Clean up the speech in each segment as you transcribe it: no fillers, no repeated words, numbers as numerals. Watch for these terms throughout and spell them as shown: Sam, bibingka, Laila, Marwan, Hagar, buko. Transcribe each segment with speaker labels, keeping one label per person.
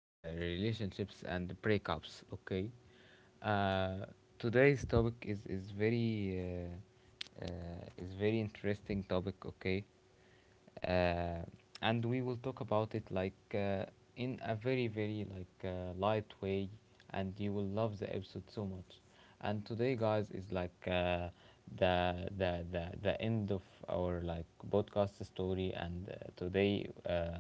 Speaker 1: relationships and breakups. Okay, uh, today's topic is very is very interesting topic. Okay, uh, and we will talk about it in a very light way and you will love the episode so much. And today guys is the end of our like podcast story. And today uh,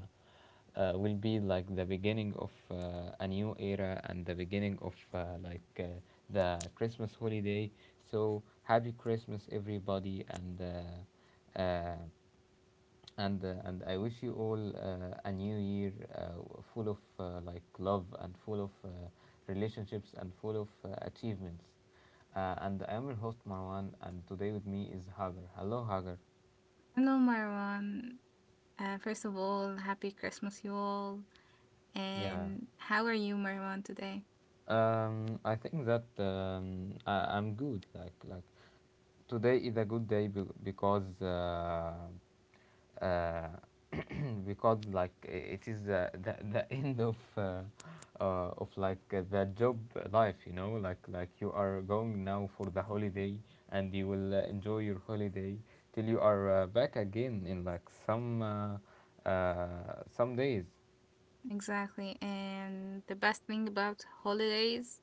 Speaker 1: uh, will be like the beginning of a new era and the beginning of the Christmas holiday. So happy Christmas, everybody, and I wish you all a new year full of love and full of relationships and full of achievements. And I am your host Marwan, and today with me is Hagar. Hello, Hagar.
Speaker 2: Hello, Marwan. First of all, happy Christmas, you all.
Speaker 1: Yeah.
Speaker 2: And how are you, Marwan, today?
Speaker 1: I think that I'm good. Like today is a good day uh, because it is the end of the job life, you know. Like you are going now for the holiday and you will enjoy your holiday till you are back again in like some days
Speaker 2: Exactly. And the best thing about holidays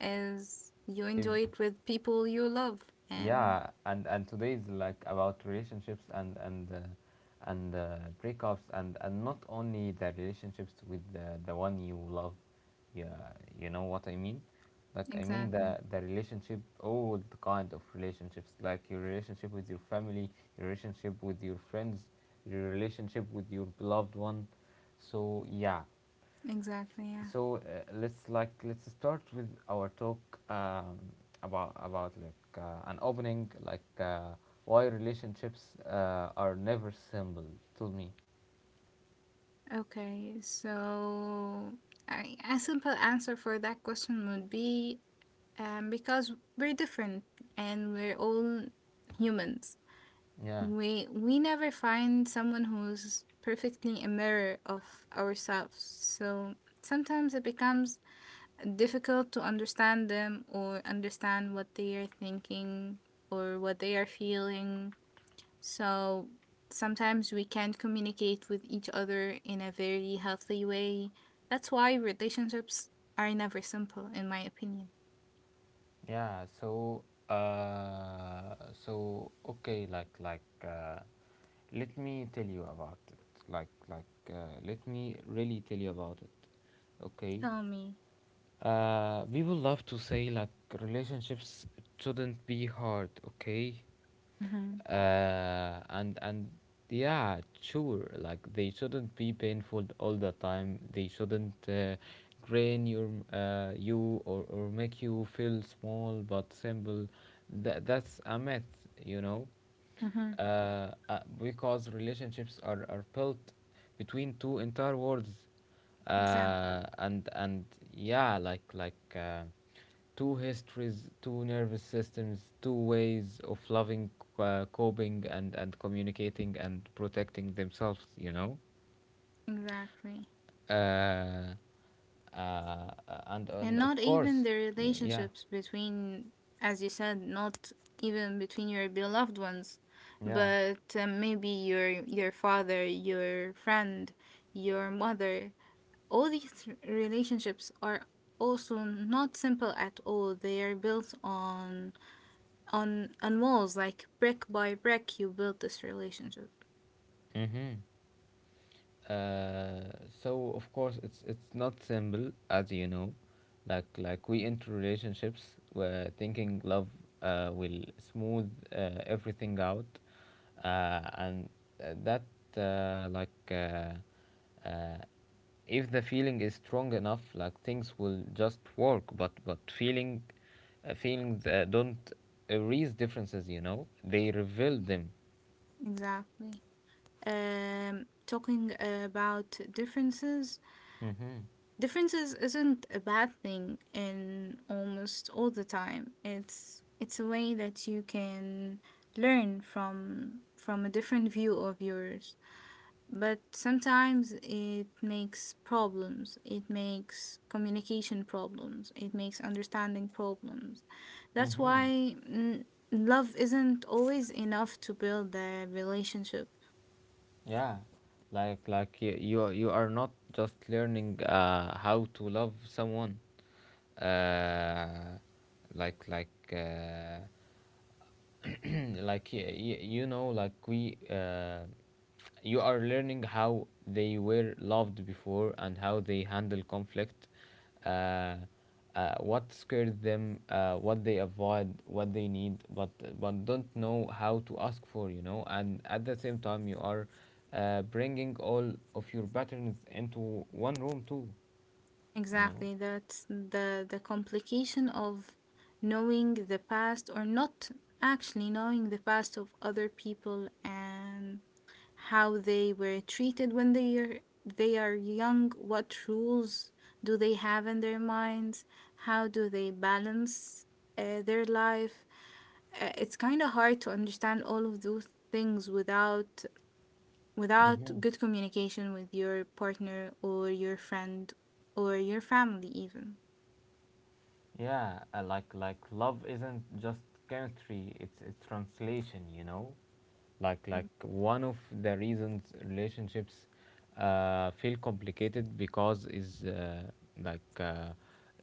Speaker 2: is you
Speaker 1: is.
Speaker 2: enjoy it with people you love. And
Speaker 1: Yeah, and today is like about relationships and breakups. And not only the relationships with the one you love, yeah, you know what I mean. Like I mean
Speaker 2: exactly,
Speaker 1: the relationship, all the kind of relationships, like your relationship with your family, your relationship with your friends, your relationship with your beloved one. So yeah.
Speaker 2: exactly, yeah.
Speaker 1: So let's start with our talk. um, about an opening like why relationships are never simple to me.
Speaker 2: Okay, so a simple answer for that question would be, because we're different and we're all humans.
Speaker 1: Yeah,
Speaker 2: We never find someone who's perfectly a mirror of ourselves. So sometimes it becomes difficult to understand them or understand what they are thinking or what they are feeling. So sometimes we can't communicate with each other in a very healthy way. That's why relationships are never simple, in my opinion.
Speaker 1: yeah. So, okay, let me tell you about it. Let me really tell you about it. Okay.
Speaker 2: Tell me.
Speaker 1: People love to say like relationships shouldn't be hard, okay?
Speaker 2: Mm-hmm.
Speaker 1: And yeah, sure. Like they shouldn't be painful all the time. They shouldn't drain you, or make you feel small, but simple. That that's a myth, you know.
Speaker 2: Mm-hmm.
Speaker 1: uh, because relationships are built between two entire worlds,
Speaker 2: Exactly.
Speaker 1: and yeah, like two histories, two nervous systems, two ways of loving, coping, and communicating and protecting themselves, you know.
Speaker 2: Exactly.
Speaker 1: uh, uh, and
Speaker 2: And
Speaker 1: and of
Speaker 2: not even
Speaker 1: course.
Speaker 2: the
Speaker 1: Y- yeah,
Speaker 2: relationships between, as you said, not even between your beloved ones,
Speaker 1: yeah,
Speaker 2: but maybe your father, your friend, your mother. All these relationships are also not simple at all. They are built on on walls, like brick by brick. You build this relationship.
Speaker 1: mm-hmm. Uh, so of course it's not simple, as you know. Like we enter relationships where thinking love will smooth everything out and that like uh, if the feeling is strong enough, like things will just work. But feelings don't erase differences, you know, they reveal them.
Speaker 2: Exactly. Talking about differences
Speaker 1: Mm-hmm.
Speaker 2: differences isn't a bad thing. In almost all the time, it's a way that you can learn from a different view of yours, but sometimes it makes problems, it makes communication problems, it makes understanding problems. That's
Speaker 1: Mm-hmm.
Speaker 2: why, love isn't always enough to build a relationship.
Speaker 1: Yeah, like you are, you are not just learning how to love someone, uh, like like uh, you know, like we you are learning how they were loved before and how they handle conflict, uh, what scared them, what they avoid, what they need but don't know how to ask for, you know. And at the same time you are bringing all of your patterns into one room too, you know.
Speaker 2: Exactly. That's the complication of knowing the past, or not actually knowing the past of other people, and how they were treated when they are young, what rules do they have in their minds, how do they balance their life. It's kind of hard to understand all of those things without
Speaker 1: Mhm.
Speaker 2: good communication with your partner or your friend or your family even.
Speaker 1: Yeah, like love isn't just chemistry; it's translation, you know. Like
Speaker 2: Mm.
Speaker 1: like one of the reasons relationships feel complicated because is like uh,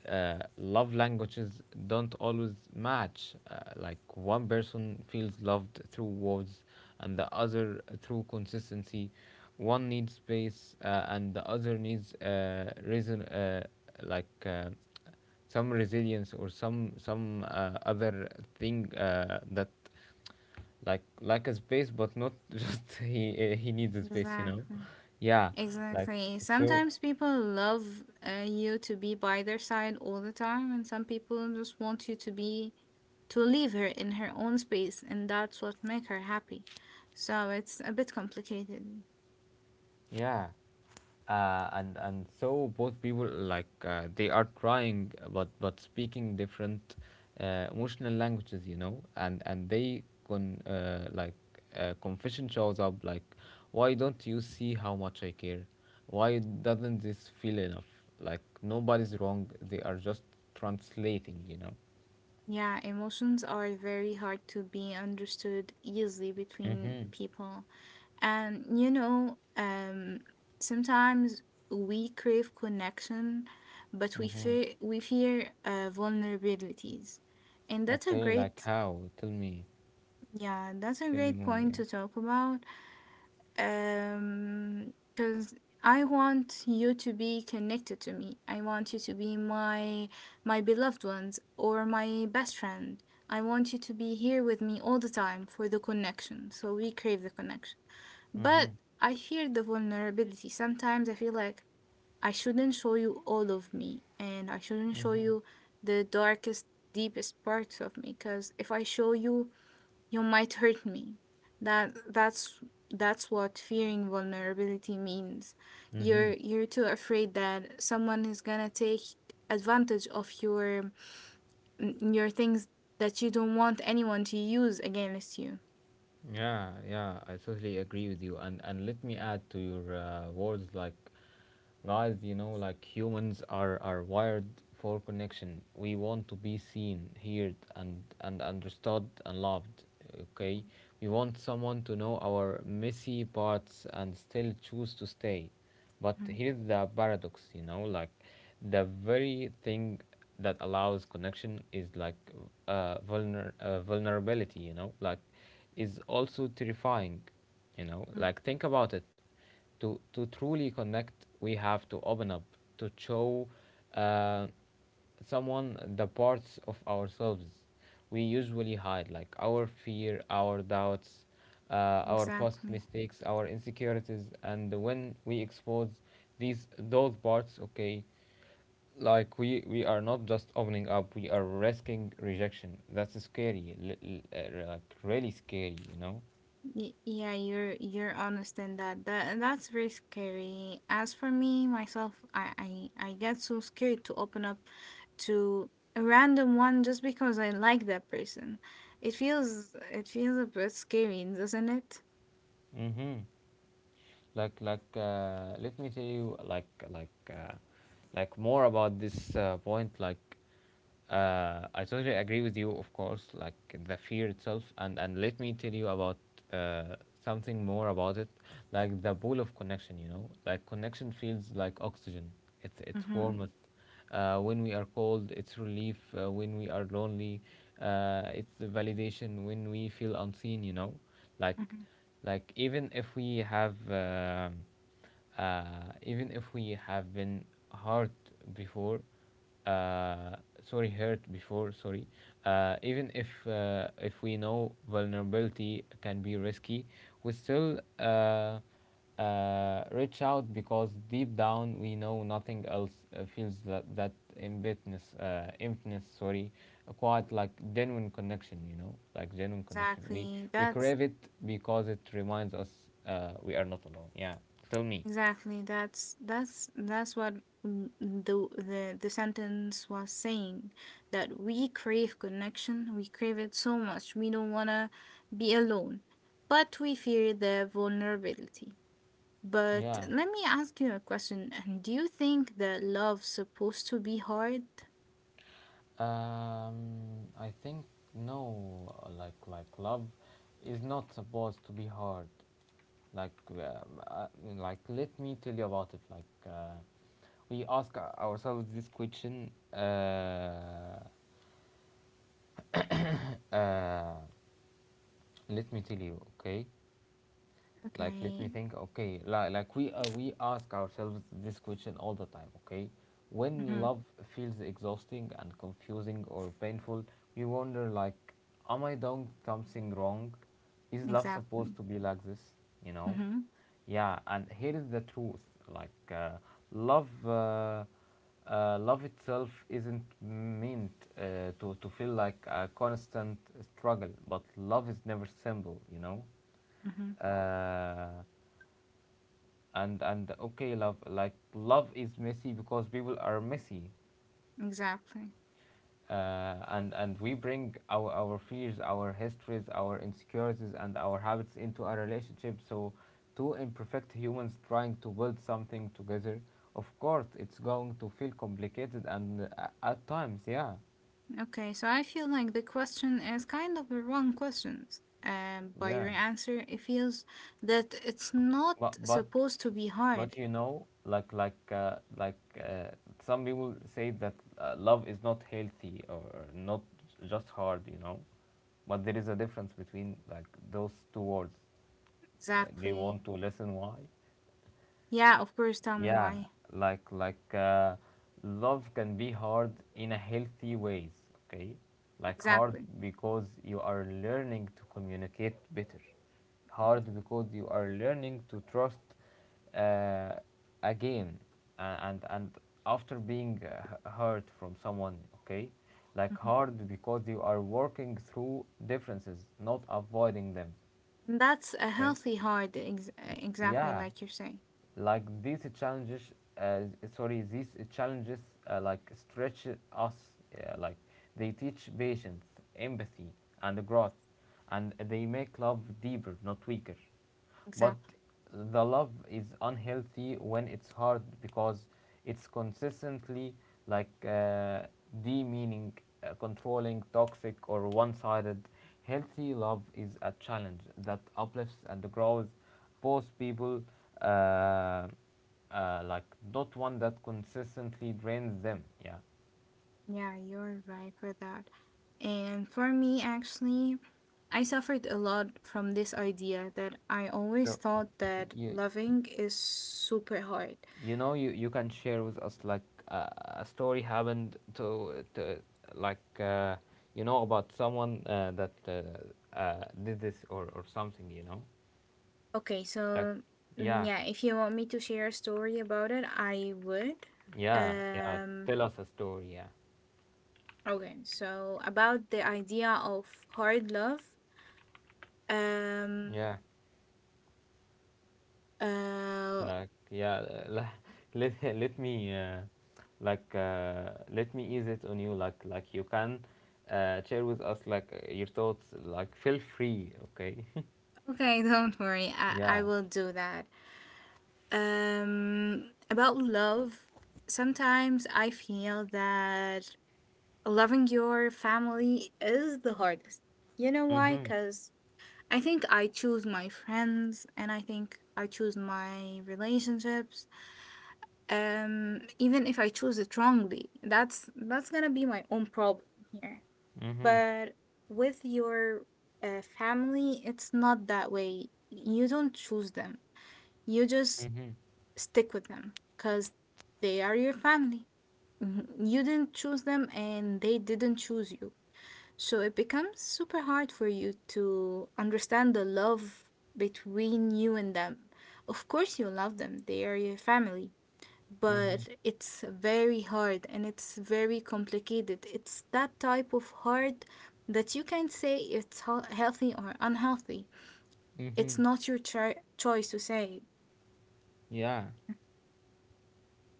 Speaker 1: love languages don't always match. Like one person feels loved through words, and the other through consistency. One needs space, and the other needs reason, like. Uh, some resilience or some other thing, that like a space. But not just he needs a space, you know.
Speaker 2: Exactly,
Speaker 1: Yeah, like.
Speaker 2: exactly,
Speaker 1: So
Speaker 2: sometimes people love, you to be by their side all the time, and some people just want you to be, to leave her in her own space, and that's what make her happy. So it's a bit complicated.
Speaker 1: yeah. And so both people they are trying but speaking different emotional languages, you know. And they confession shows up like, why don't you see how much I care? Why doesn't this feel enough? Like nobody's wrong, they are just translating, you know.
Speaker 2: Yeah, emotions are very hard to be understood easily between
Speaker 1: Mhm.
Speaker 2: people. And sometimes we crave connection, but we
Speaker 1: Mhm.
Speaker 2: fear we fear vulnerabilities. And that's a
Speaker 1: Okay, like
Speaker 2: great
Speaker 1: how? Tell me.
Speaker 2: yeah, that's a
Speaker 1: Tell me
Speaker 2: great
Speaker 1: more.
Speaker 2: point
Speaker 1: Yeah.
Speaker 2: to talk about, because I want you to be connected to me. I want you to be my beloved ones or my best friend. I want you to be here with me all the time for the connection, so we crave the connection. But
Speaker 1: Mhm.
Speaker 2: I fear the vulnerability. Sometimes I feel like I shouldn't show you all of me, and I shouldn't show
Speaker 1: Mhm.
Speaker 2: you the darkest, deepest parts of me, because if I show you, you might hurt me. That that's that's what fearing vulnerability means. You're
Speaker 1: Mhm.
Speaker 2: you're too afraid that someone is gonna take advantage of your things that you don't want anyone to use against you.
Speaker 1: Yeah, yeah, I totally agree with you. And let me add to your words, like, guys, you know, like humans are wired for connection. We want to be seen, heard, and understood and loved. Okay,
Speaker 2: Mhm,
Speaker 1: we want someone to know our messy parts and still choose to stay. But
Speaker 2: mhm,
Speaker 1: here's the paradox, you know, like the very thing that allows connection is vulnerability, you know, like is also terrifying, you know.
Speaker 2: mhm.
Speaker 1: Like think about it. To truly connect, we have to open up, to show Uh, someone the parts of ourselves we usually hide, like our fear, our doubts, uh, our past
Speaker 2: Exactly.
Speaker 1: mistakes, our insecurities. And when we expose these those parts, okay, we are not just opening up, we are risking rejection. That's scary, like really scary, you know.
Speaker 2: Yeah, you're honest in that. And that's very scary. As for me, myself, I get so scared to open up to a random one just because I like that person. It feels a bit scary, doesn't it?
Speaker 1: Mhm. Let me tell you, like more about this point, I totally agree with you, of course. Like the fear itself. And let me tell you about uh, something more about it. Like the pool of connection, you know. Like connection feels like oxygen. It's
Speaker 2: Mm-hmm.
Speaker 1: warmth when we are cold, it's relief when we are lonely, it's the validation when we feel unseen, you know. like
Speaker 2: Mm-hmm.
Speaker 1: like even if we have, even if we have been hurt before, uh, sorry, hurt before, sorry. Even if we know vulnerability can be risky, we still reach out, because deep down we know nothing else feels that emptiness quite like genuine connection. You know, like genuine connection. We
Speaker 2: Exactly.
Speaker 1: we
Speaker 2: That's.
Speaker 1: crave it because it reminds us we are not alone. Yeah. Tell me.
Speaker 2: Exactly. That's what, the sentence was saying, that we crave connection. We crave it so much. We don't wanna be alone, but we fear the vulnerability. But
Speaker 1: Yeah.
Speaker 2: let me ask you a question, and do you think that love's supposed to be hard?
Speaker 1: I think no, like love is not supposed to be hard. Like um, uh, Let me tell you about it. We ask ourselves this question. Uh, Let me tell you, okay? Let me
Speaker 2: Okay.
Speaker 1: think, okay. Like we ask ourselves this question all the time, okay. When
Speaker 2: Mm-hmm.
Speaker 1: love feels exhausting and confusing or painful, we wonder like, am I doing something wrong? Is love supposed
Speaker 2: Exactly.
Speaker 1: to be like this, you know?
Speaker 2: Mm-hmm.
Speaker 1: Yeah, and here is the truth. like uh, love uh, Love itself isn't meant to feel like a constant struggle, but love is never simple, you know.
Speaker 2: Mm-hmm.
Speaker 1: Uh, and and okay, love is messy because people are messy.
Speaker 2: Exactly.
Speaker 1: And we bring our fears, our histories, our insecurities and our habits into our relationship. So two imperfect humans trying to build something together, of course it's going to feel complicated and at times. Yeah.
Speaker 2: Okay, so I feel like the question is kind of the wrong questions. By your
Speaker 1: Yeah,
Speaker 2: answer, it feels that it's not
Speaker 1: but
Speaker 2: supposed to be hard.
Speaker 1: You know, uh, some people say that love is not healthy or not just hard, you know. But there is a difference between like those two words. Do you
Speaker 2: Exactly.
Speaker 1: want to listen why?
Speaker 2: Yeah, of course, tell me
Speaker 1: Yeah,
Speaker 2: why.
Speaker 1: like like uh, love can be hard in a healthy ways, okay? Like hard
Speaker 2: Exactly.
Speaker 1: because you are learning to communicate better. Hard because you are learning to trust uh, again, and after being hurt from someone, okay? Like
Speaker 2: Mhm.
Speaker 1: hard because you are working through differences, not avoiding them,
Speaker 2: And that's a
Speaker 1: okay?
Speaker 2: healthy hard, ex exactly
Speaker 1: Yeah,
Speaker 2: like you're saying.
Speaker 1: like these challenges, uh, sorry these challenges stretch us, uh, like they teach patience, empathy and growth, and they make love deeper, not weaker. But
Speaker 2: Exactly.
Speaker 1: the love is unhealthy when it's hard because it's consistently like uh, demeaning, controlling, toxic or one-sided. Healthy love is a challenge that uplifts and grows Post people, uh, uh, like not one that consistently drains them. Yeah.
Speaker 2: Yeah, you're right for that. And for me, actually, I suffered a lot from this idea that I always
Speaker 1: So
Speaker 2: thought that
Speaker 1: you
Speaker 2: loving is super hard.
Speaker 1: you know, you can share with us like a story happened to like uh, you know about someone that did this or something, you know.
Speaker 2: Okay,
Speaker 1: Like
Speaker 2: so,
Speaker 1: yeah.
Speaker 2: yeah, if you want me to share a story about it, I would.
Speaker 1: Yeah, yeah.
Speaker 2: Um,
Speaker 1: Tell us a story. Yeah
Speaker 2: okay, so about the idea of hard love. Um,
Speaker 1: yeah.
Speaker 2: uh,
Speaker 1: Like yeah, uh, let me let me ease it on you. Like you can share with us like your thoughts. Like feel free, okay?
Speaker 2: okay, don't worry, I
Speaker 1: Yeah.
Speaker 2: will do that. About love, sometimes I feel that loving your family is the hardest. You know why?
Speaker 1: Mhm.
Speaker 2: Because I think I choose my friends, and I think I choose my relationships. Even if I choose it wrongly, that's gonna be my own problem here.
Speaker 1: Mhm.
Speaker 2: But with your, family, it's not that way. You don't choose them. You just
Speaker 1: Mhm.
Speaker 2: stick with them because they are your family. Mhm. You didn't choose them and they didn't choose you. So it becomes super hard for you to understand the love between you and them. Of course you love them, they are your family,
Speaker 1: Mhm.
Speaker 2: but it's very hard and it's very complicated. It's that type of hard that you can say it's healthy or unhealthy. It's
Speaker 1: Mhm.
Speaker 2: not your choice to say.
Speaker 1: Yeah.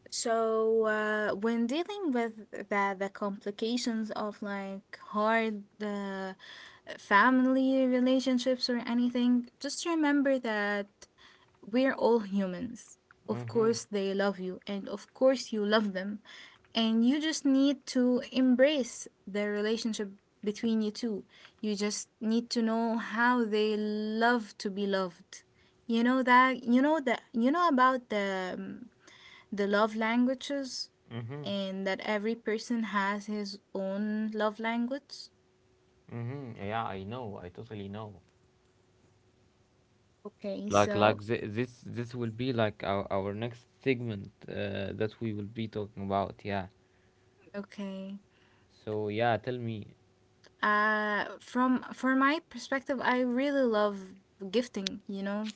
Speaker 2: So, when dealing with the complications of, like, hard family relationships or anything, just remember that we're all humans. Of
Speaker 1: Mhm.
Speaker 2: course they love you, and of course you love them. And you just need to embrace the relationship between you two. You just need to know how they love to be loved. You know that, you know that, you know about the love languages,
Speaker 1: Mhm.
Speaker 2: and that every person has his own love language.
Speaker 1: Mhm. Yeah, I know. I totally know.
Speaker 2: Okay,
Speaker 1: Like like
Speaker 2: so.
Speaker 1: th- this this will be like our next segment that we will be talking about. Yeah.
Speaker 2: Okay.
Speaker 1: So yeah, tell me.
Speaker 2: From For my perspective, I really love gifting.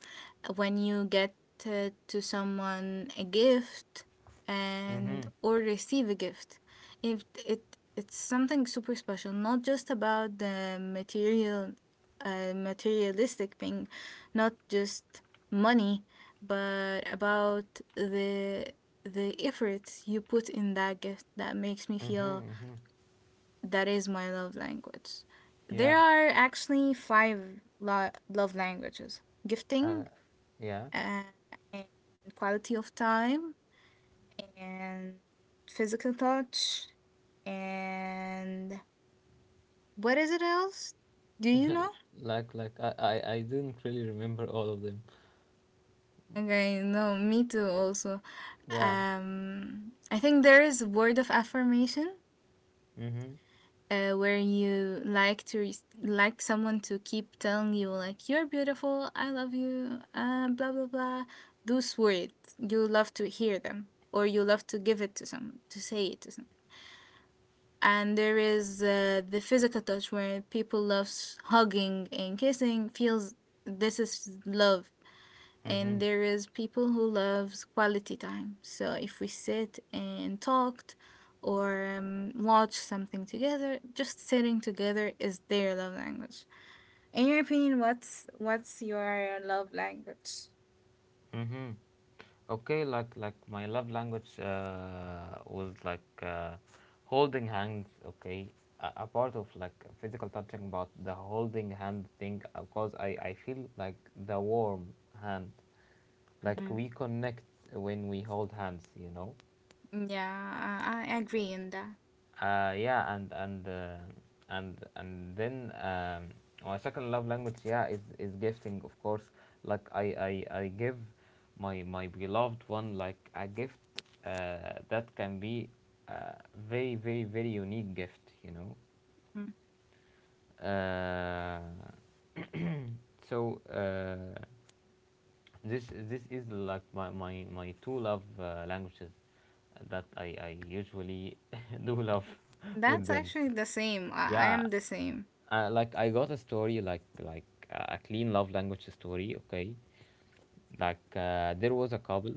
Speaker 2: When you get to someone a gift, and
Speaker 1: Mhm.
Speaker 2: or receive a gift, it it's something super special. Not just about the material, materialistic thing, not just money, but about the the effort you put in that gift that makes me feel
Speaker 1: Mhm. Mhm.
Speaker 2: that is my love language.
Speaker 1: Yeah,
Speaker 2: There are actually five love languages:
Speaker 1: uh,
Speaker 2: gifting,
Speaker 1: yeah.
Speaker 2: uh, and quality of time, and physical touch, and what is it else? Do you know?
Speaker 1: Like, I didn't really remember all of them.
Speaker 2: Okay, no, me too also.
Speaker 1: Yeah.
Speaker 2: I think there is word of affirmation,
Speaker 1: Mhm.
Speaker 2: where you like to like someone to keep telling you, like, you're beautiful, I love you, blah blah blah. Those words, you love to hear them, or you love to give it to someone, to say it to someone. And there is, the physical touch, where people loves hugging and kissing, feels this is love. And
Speaker 1: Mhm.
Speaker 2: there is people who loves quality time. So if we sit and talked, or watch something together, just sitting together is their love language. In your opinion, what's your love language?
Speaker 1: Mhm. Okay, like my love language was like holding hands. Okay, a part of like physical touching, but the holding hand thing because I feel like the warm hand, like
Speaker 2: Hmm.
Speaker 1: we connect when we hold hands.
Speaker 2: Yeah, I agree in that.
Speaker 1: Yeah, and and then my second love language, yeah, is gifting, of course. Like I give my beloved one like a gift that can be a very unique gift, you know.
Speaker 2: Mhm.
Speaker 1: Uh, so this is like my two love languages that I usually do love with
Speaker 2: That's
Speaker 1: them.
Speaker 2: actually the same. I
Speaker 1: Yeah,
Speaker 2: am the same.
Speaker 1: like I got a story like a clean love language story. Okay, there was a couple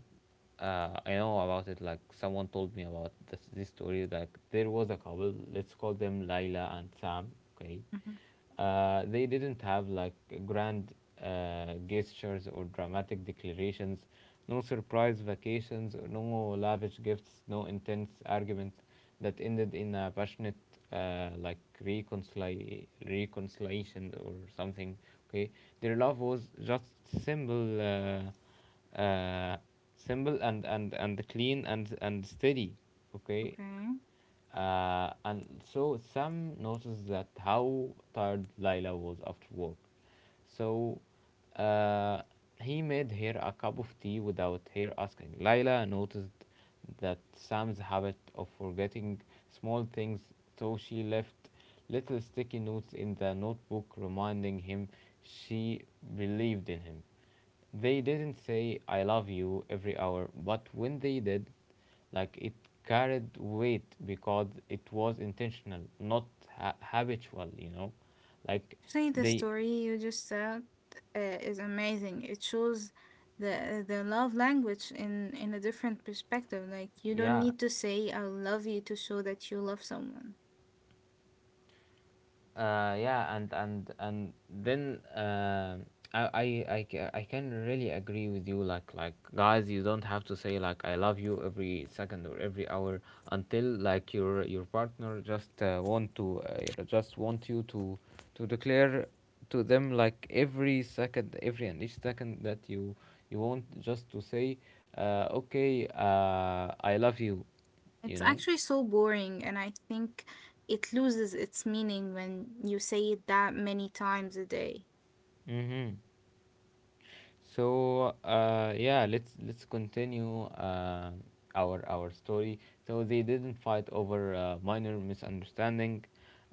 Speaker 1: I know about it, like someone told me about this story. Like, there was a couple, let's call them Laila and Sam. Okay,
Speaker 2: Mhm.
Speaker 1: they didn't have like grand gestures or dramatic declarations, no surprise vacations, no lavish gifts, no intense arguments that ended in a passionate uh, like reconciliation or something. Okay, their love was just simple, simple and and clean and steady. Okay,
Speaker 2: Okay.
Speaker 1: and so Sam noticed that how tired Lila was after work. So uh, he made her a cup of tea without her asking. Lila noticed that Sam's habit of forgetting small things, so she left little sticky notes in the notebook reminding him she believed in him. They didn't say I love you every hour, but when they did, like it carried weight because it was intentional, not habitual, you know, like
Speaker 2: Actually, the
Speaker 1: they
Speaker 2: story you just said, is amazing. It shows the love language in a different perspective. Like, you don't
Speaker 1: Yeah.
Speaker 2: need to say "I love you" to show that you love someone.
Speaker 1: Yeah, and then I can really agree with you. Like guys, you don't have to say like I love you every second or every hour until like your partner just want to just want you to declare to them like every second, every and each second that you want just to say, okay, I love you, you
Speaker 2: It's
Speaker 1: know.
Speaker 2: actually so boring, and I think it loses its meaning when you say it that many times a day.
Speaker 1: Mm-hmm. So, yeah, let's continue our story. So they didn't fight over minor misunderstanding,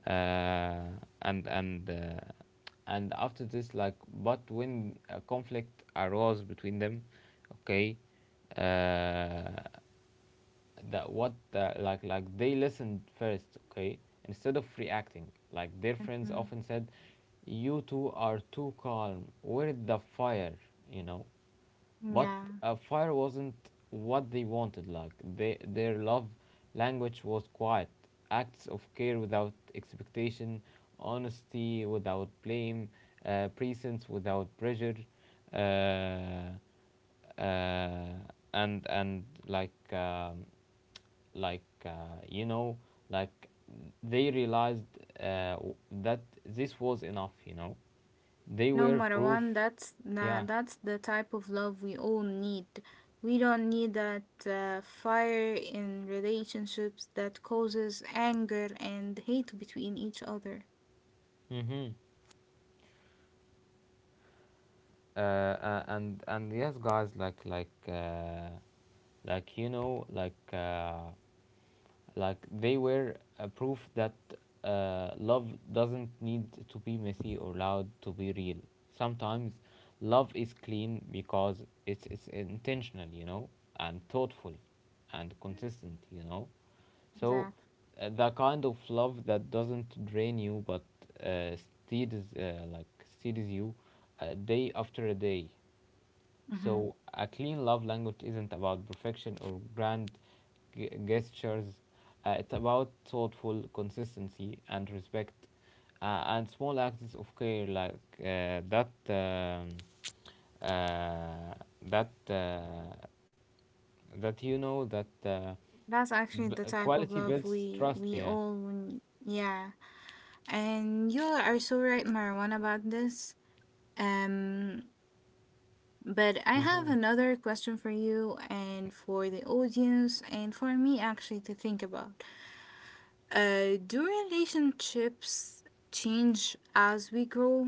Speaker 1: uh, and and uh, and after this, like, but when a conflict arose between them, okay, uh, that what like they listened first, okay, instead of reacting. Like their friends
Speaker 2: Mm-hmm.
Speaker 1: often said, "You two are too calm. Where the fire?" You know, but
Speaker 2: Yeah.
Speaker 1: fire wasn't what they wanted. Like they, their love language was quiet, acts of care without expectation, honesty without blame, presence without pressure, uh, uh, and like you know, like they realized uh, w- that this was enough. You know, they
Speaker 2: No,
Speaker 1: were proof.
Speaker 2: Marwan, that's na
Speaker 1: Yeah.
Speaker 2: that's the type of love we all need. We don't need that fire in relationships that causes anger and hate between each other.
Speaker 1: Mm-hmm. And yes guys, like you know like they were a proof that love doesn't need to be messy or loud to be real. Sometimes love is clean because it's intentional, you know, and thoughtful and consistent, you know. So
Speaker 2: Exactly.
Speaker 1: the kind of love that doesn't drain you but uh, steadies you day after day.
Speaker 2: Hmm.
Speaker 1: So a clean love language isn't about perfection or grand gestures. It's about thoughtful consistency and respect, and small acts of care like that. Uh, that that you know that
Speaker 2: That's actually the type of
Speaker 1: Quality
Speaker 2: love
Speaker 1: builds
Speaker 2: we
Speaker 1: trust.
Speaker 2: we
Speaker 1: Yeah.
Speaker 2: all need. Yeah, and you are so right, Marwan, about this. Um, but I have
Speaker 1: Hmm.
Speaker 2: another question for you, and for the audience, and for me actually, to think about. Do relationships change as we grow?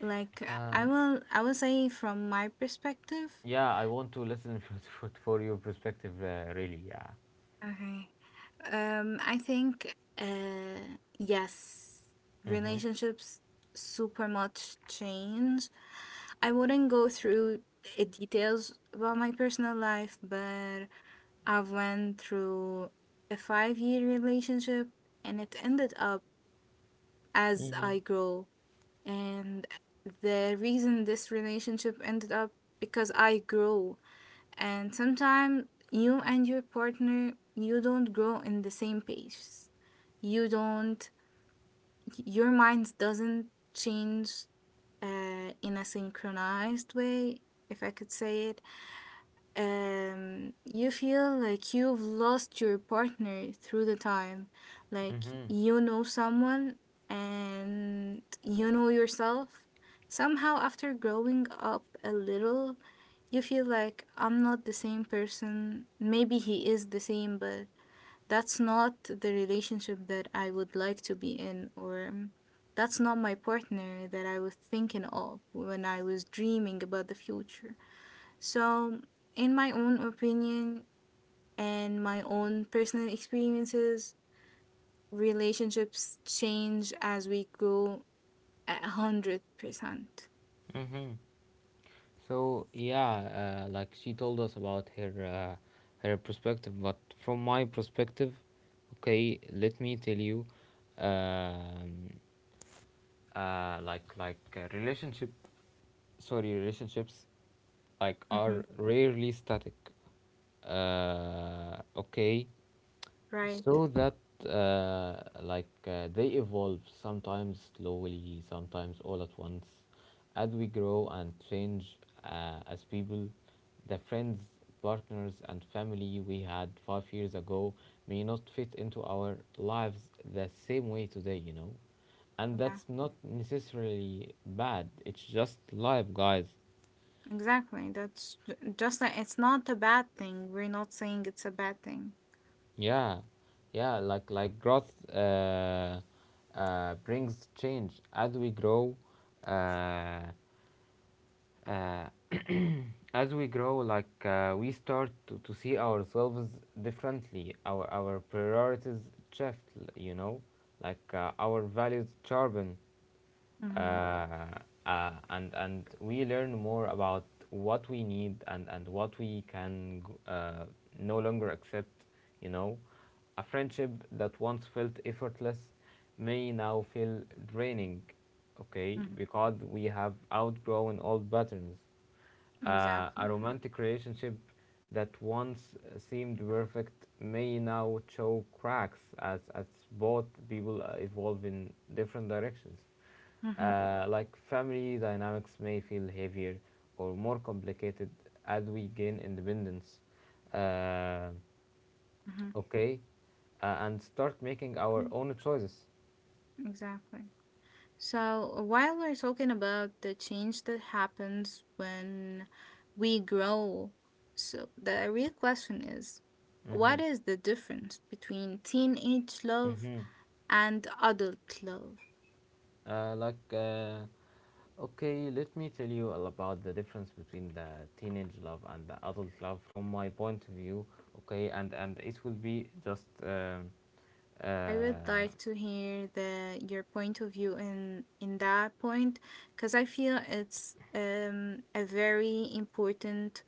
Speaker 2: Like,
Speaker 1: Uh,
Speaker 2: I will say from my perspective.
Speaker 1: yeah, I want to listen for your perspective. Really. Yeah.
Speaker 2: Okay. I think, yes,
Speaker 1: Mhm.
Speaker 2: relationships super much change. I wouldn't go through the details about my personal life, but I've went through a 5-year relationship, and it ended up as
Speaker 1: Mhm.
Speaker 2: I grow. And the reason this relationship ended up because I grow. And sometimes you and your partner, you don't grow in the same pace. You don't, your mind doesn't change, in a synchronized way, if I could say it. You feel like you've lost your partner through the time. Like,
Speaker 1: Mhm.
Speaker 2: you know someone, and you know yourself. Somehow, after growing up a little, you feel like I'm not the same person. Maybe he is the same, but that's not the relationship that I would like to be in, or that's not my partner that I was thinking of when I was dreaming about the future. So, in my own opinion and my own personal experiences, relationships change as we grow a 100%.
Speaker 1: Mhm. So yeah, like she told us about her her perspective, but from my perspective, okay, let me tell you, um, relationship, sorry, relationships, like
Speaker 2: Hmm.
Speaker 1: are rarely static. Okay,
Speaker 2: Right.
Speaker 1: so that they evolve, sometimes slowly, sometimes all at once, as we grow and change as people. The friends, partners and family we had 5 years ago may not fit into our lives the same way today, you know, and
Speaker 2: Yeah.
Speaker 1: that's not necessarily bad, it's just life, guys.
Speaker 2: Exactly. That's just like, it's not a bad thing. We're not saying it's a bad thing.
Speaker 1: Yeah, yeah, like growth brings change as we grow. Uh, uh, as we grow, like we start to see ourselves differently. Our priorities shift. You know, like our values sharpen,
Speaker 2: Mm-hmm.
Speaker 1: uh, and we learn more about what we need and what we can uh, no longer accept, you know. A friendship that once felt effortless may now feel draining, okay,
Speaker 2: Mm-hmm.
Speaker 1: because we have outgrown old patterns. A
Speaker 2: Exactly.
Speaker 1: romantic relationship that once seemed perfect may now show cracks as both people evolve in different directions.
Speaker 2: Mm-hmm.
Speaker 1: Like family dynamics may feel heavier or more complicated as we gain independence. Uh,
Speaker 2: Mm-hmm.
Speaker 1: okay, and start making our
Speaker 2: mm,
Speaker 1: own choices.
Speaker 2: Exactly. So, while we're talking about the change that happens when we grow, so the real question is,
Speaker 1: Mm-hmm.
Speaker 2: what is the difference between teenage love
Speaker 1: Mm-hmm.
Speaker 2: and adult love?
Speaker 1: Uh, like, uh, okay, let me tell you all about the difference between the teenage love and the adult love from my point of view. Okay, and it will be just
Speaker 2: I would
Speaker 1: uh,
Speaker 2: like to hear the your point of view in that point, because I feel it's, a very important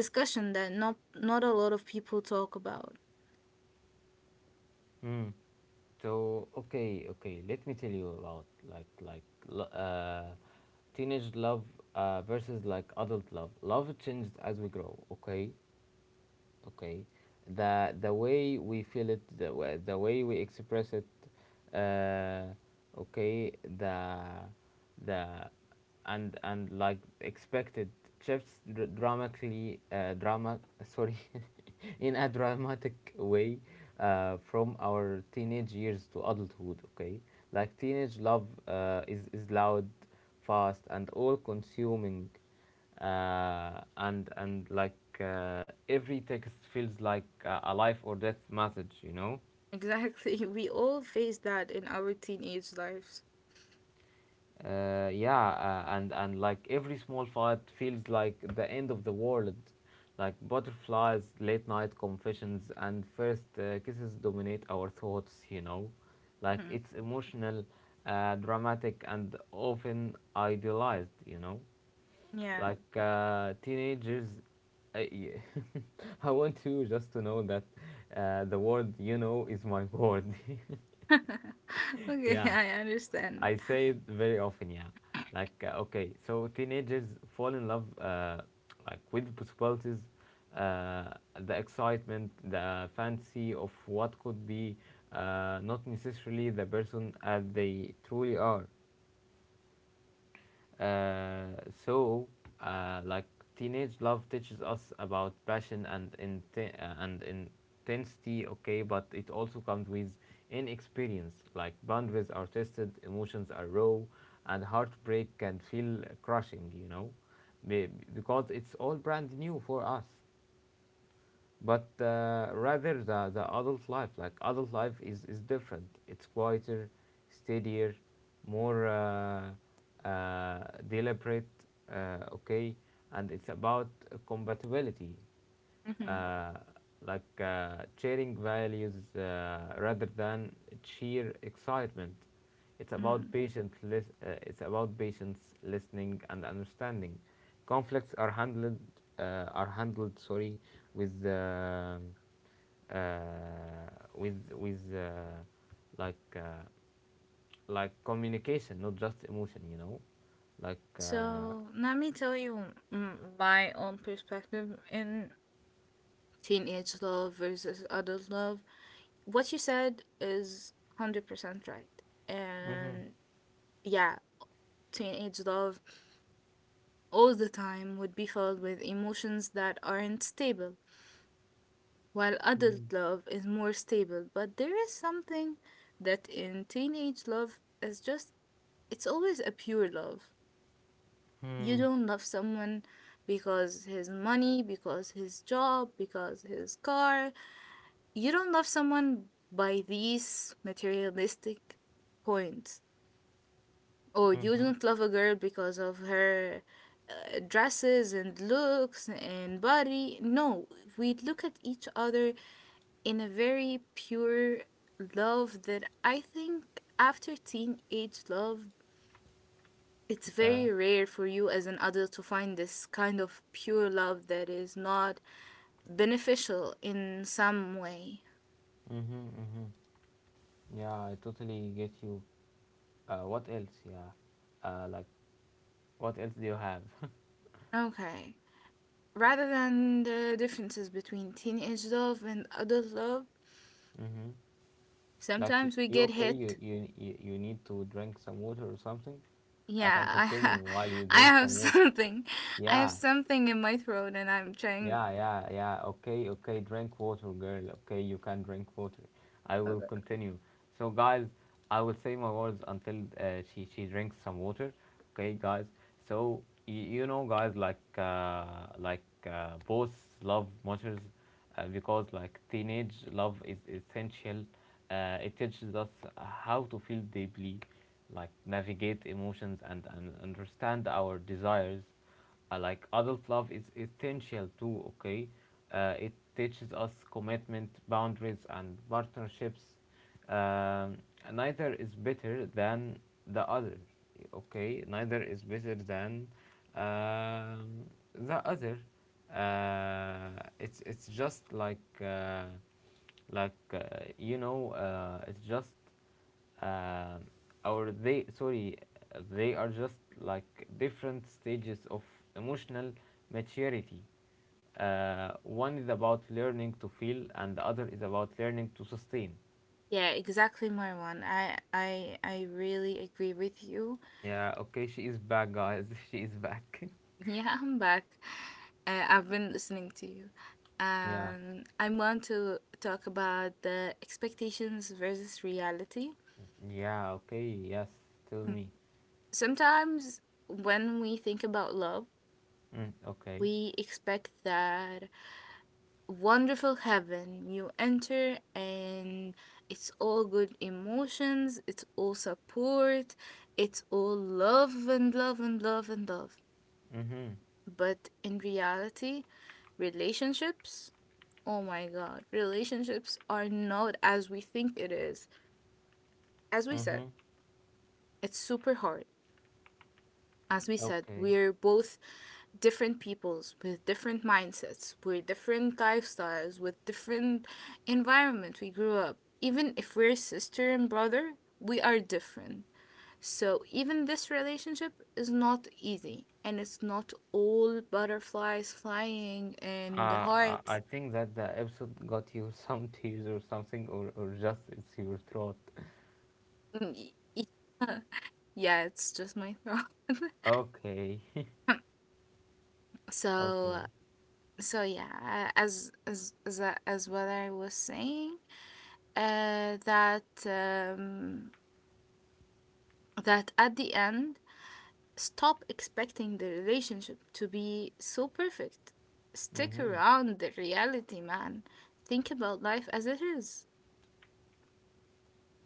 Speaker 2: discussion that not a lot of people talk about.
Speaker 1: mm. So okay, okay. Let me tell you about like lo- uh, teenage love versus like adult love. Love changes as we grow. Okay, okay, the way we feel it, the way we express it, uh, okay, the the and like expected shifts dramatically, drama sorry in a dramatic way, from our teenage years to adulthood. Okay, like teenage love is loud, fast and all consuming, and every text feels like a life or death message, you know.
Speaker 2: Exactly. We all face that in our teenage lives.
Speaker 1: Yeah, and like every small fight feels like the end of the world. Like butterflies, late night confessions and first kisses dominate our thoughts, you know. Like
Speaker 2: Mhm.
Speaker 1: it's emotional, dramatic and often idealized, you know.
Speaker 2: Yeah.
Speaker 1: Like teenagers, I, I want you just to know that the word you know is my word.
Speaker 2: Okay,
Speaker 1: Yeah.
Speaker 2: I understand.
Speaker 1: I say it very often, yeah. Like, okay, so teenagers fall in love like with possibilities, uh, the excitement, the fancy of what could be, not necessarily the person as they truly are. Uh, so like teenage love teaches us about passion and intensity, okay, but it also comes with inexperience. Like boundaries are tested, emotions are raw, and heartbreak can feel crushing. You know, Be- because it's all brand new for us. But rather the adult life, like adult life is different, it's quieter, steadier, more uh, deliberate, okay. And it's about compatibility,
Speaker 2: hmm
Speaker 1: uh, sharing values rather than sheer excitement. It's about
Speaker 2: hmm
Speaker 1: patient lis- it's about patience, listening and understanding. Conflicts are handled sorry with uh, with with uh, like uh, like communication, not just emotion. You know, like
Speaker 2: So let me tell you my own perspective in teenage love versus adult love. What you said is 100% right.
Speaker 1: mm-hmm.
Speaker 2: And yeah, teenage love all the time would be filled with emotions that aren't stable, while adult love is more stable. But there is something that in teenage love is just, it's always a pure love. You
Speaker 1: Mm-hmm.
Speaker 2: don't love someone because his money, because his job, because his car. You don't love someone by these materialistic points. Oh, you
Speaker 1: Mm-hmm.
Speaker 2: don't love a girl because of her dresses and looks and body. No, we look at each other in a very pure love that I think after teenage love, it's
Speaker 1: Yeah,
Speaker 2: very rare for you as an adult to find this kind of pure love that is not beneficial in some way.
Speaker 1: mm-hmm, mm-hmm. Yeah. I totally get you. What else? Yeah, like what else do you have?
Speaker 2: Okay. Rather than the differences between teenage love and adult love,
Speaker 1: Mm-hmm. Like
Speaker 2: sometimes we
Speaker 1: you
Speaker 2: get
Speaker 1: okay? You,
Speaker 2: hit.
Speaker 1: you you you need to drink some water or something. I
Speaker 2: Yeah,
Speaker 1: can continue while you
Speaker 2: I
Speaker 1: drink
Speaker 2: have
Speaker 1: some water.
Speaker 2: something. I have
Speaker 1: Yeah.
Speaker 2: something in my throat and I'm trying.
Speaker 1: Yeah, yeah, yeah. Okay, okay. Drink water, girl. Okay, you can drink water. I will
Speaker 2: Okay.
Speaker 1: continue. So, guys, I will say my words until she drinks some water. Okay, guys. So you know, guys, like both love matters because like teenage love is essential. It teaches us how to feel deeply, like navigate emotions and understand our desires. Like adult love is essential too, okay. It teaches us commitment, boundaries and partnerships. um, Neither is better than the other, okay. Neither is better than um, the other. Uh, it's just like you know It's just, um, or they sorry they are just like different stages of emotional maturity. One is about learning to feel and the other is about learning to sustain.
Speaker 2: Yeah, exactly my one. I really agree with you.
Speaker 1: Yeah, okay, she is back guys she is back.
Speaker 2: Yeah, I'm back. I've been listening to you.
Speaker 1: Yeah,
Speaker 2: I want to talk about the expectations versus reality.
Speaker 1: yeah, okay, yes, tell
Speaker 2: Mm.
Speaker 1: me.
Speaker 2: Sometimes when we think about love,
Speaker 1: Mm, okay.
Speaker 2: we expect that wonderful heaven you enter, and it's all good emotions, it's all support, it's all love and love and love and love.
Speaker 1: Mm-hmm.
Speaker 2: But in reality, relationships, oh my god, relationships are not as we think it is. As we said,
Speaker 1: Mm-hmm.
Speaker 2: it's super hard. As we said,
Speaker 1: Okay.
Speaker 2: we're both different peoples with different mindsets, with different lifestyles, with different environment we grew up. Even if we're sister and brother, we are different. So even this relationship is not easy and it's not all butterflies flying and
Speaker 1: I
Speaker 2: hearts.
Speaker 1: think that the episode got you some tears or something, or just it's your throat.
Speaker 2: Mm, yeah, yeah, it's just my thought.
Speaker 1: Okay. Okay.
Speaker 2: So so yeah, as what I was saying, that um, that at the end, stop expecting the relationship to be so perfect. Stick
Speaker 1: Mm-hmm.
Speaker 2: around the reality, man. Think about life as it is.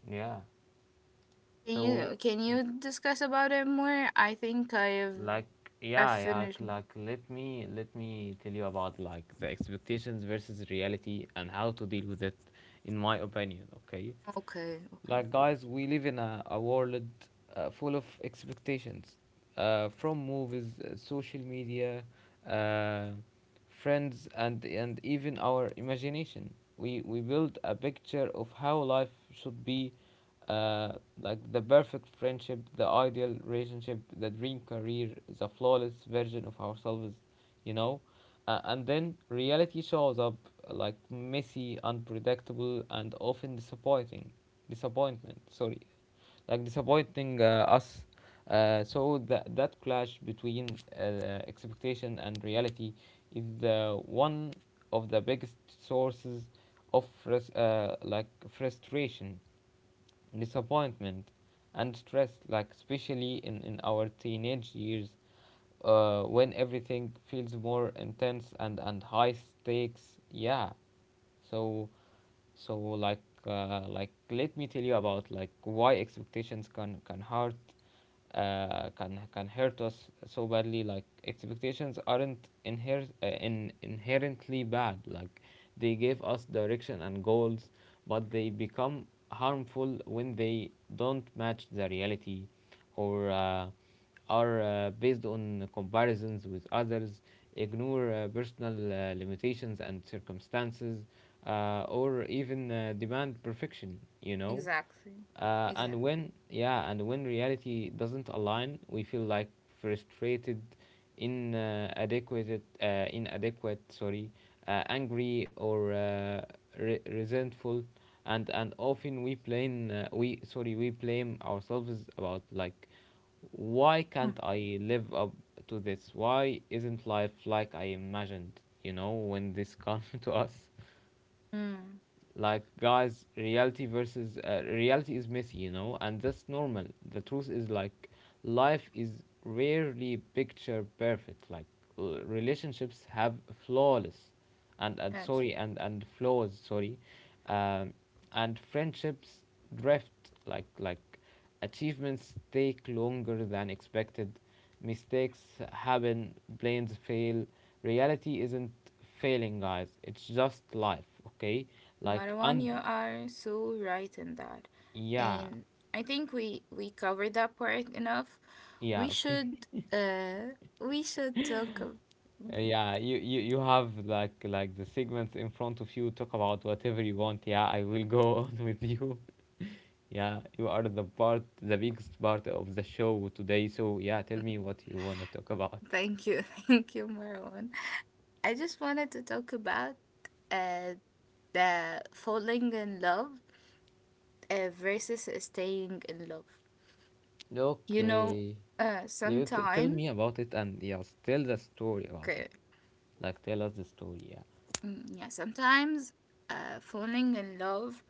Speaker 1: Yeah.
Speaker 2: Can
Speaker 1: So
Speaker 2: you can you discuss about it more? I think I have.
Speaker 1: like
Speaker 2: I
Speaker 1: yeah, yeah,
Speaker 2: finished.
Speaker 1: like let me tell you about like the expectations versus reality and how to deal with it in my opinion, okay?
Speaker 2: Okay, okay.
Speaker 1: Like, guys, we live in a world full of expectations, from movies, social media, uh, friends, and even our imagination. We build a picture of how life should be, uh, like the perfect friendship, the ideal relationship, the dream career, the flawless version of ourselves, you know? And then reality shows up, like messy, unpredictable, and often disappointing disappointment sorry like disappointing us. So that clash between expectation and reality is one of the biggest sources of frustration, disappointment, and stress, like especially in our teenage years, when everything feels more intense and high stakes, yeah. So so like uh, like let me tell you about like why expectations can hurt, can hurt us so badly. Like expectations aren't inherently bad. Like they give us direction and goals, but they become harmful when they don't match the reality, or are based on comparisons with others, ignore personal limitations and circumstances, or even demand perfection. You know?
Speaker 2: Exactly.
Speaker 1: uh, and
Speaker 2: Exactly.
Speaker 1: when yeah and when reality doesn't align, we feel like frustrated, inadequate inadequate sorry angry, or resentful, and often we blame we sorry we blame ourselves, about like, why
Speaker 2: Mm.
Speaker 1: can't I live up to this, why isn't life like I imagined? You know, when this comes to us,
Speaker 2: Mm.
Speaker 1: like, guys, reality versus reality is messy, you know, and that's normal. The truth is, like, life is rarely picture perfect. Like relationships have flawless and
Speaker 2: Okay.
Speaker 1: sorry and flaws, sorry. um, and friendships drift, like achievements take longer than expected, mistakes happen, planes fail. Reality isn't failing, guys, it's just life, okay, like
Speaker 2: Marwan,
Speaker 1: un.
Speaker 2: you are so right in that.
Speaker 1: Yeah,
Speaker 2: And I think we covered that part enough.
Speaker 1: yeah, okay.
Speaker 2: We should talk ab-.
Speaker 1: Yeah, you, you have like the segments in front of you, talk about whatever you want, yeah, I will go on with you. Yeah, you are the part, the biggest part of the show today, so yeah, tell me what you want to talk about.
Speaker 2: Thank you, thank you, Marwan. I just wanted to talk about uh the falling in love versus staying in love. You know,
Speaker 1: Okay, you tell
Speaker 2: sometime,
Speaker 1: me about it, and yes, tell the story about it,
Speaker 2: okay,
Speaker 1: like, tell us the story, yeah.
Speaker 2: mm, yeah, sometimes falling in love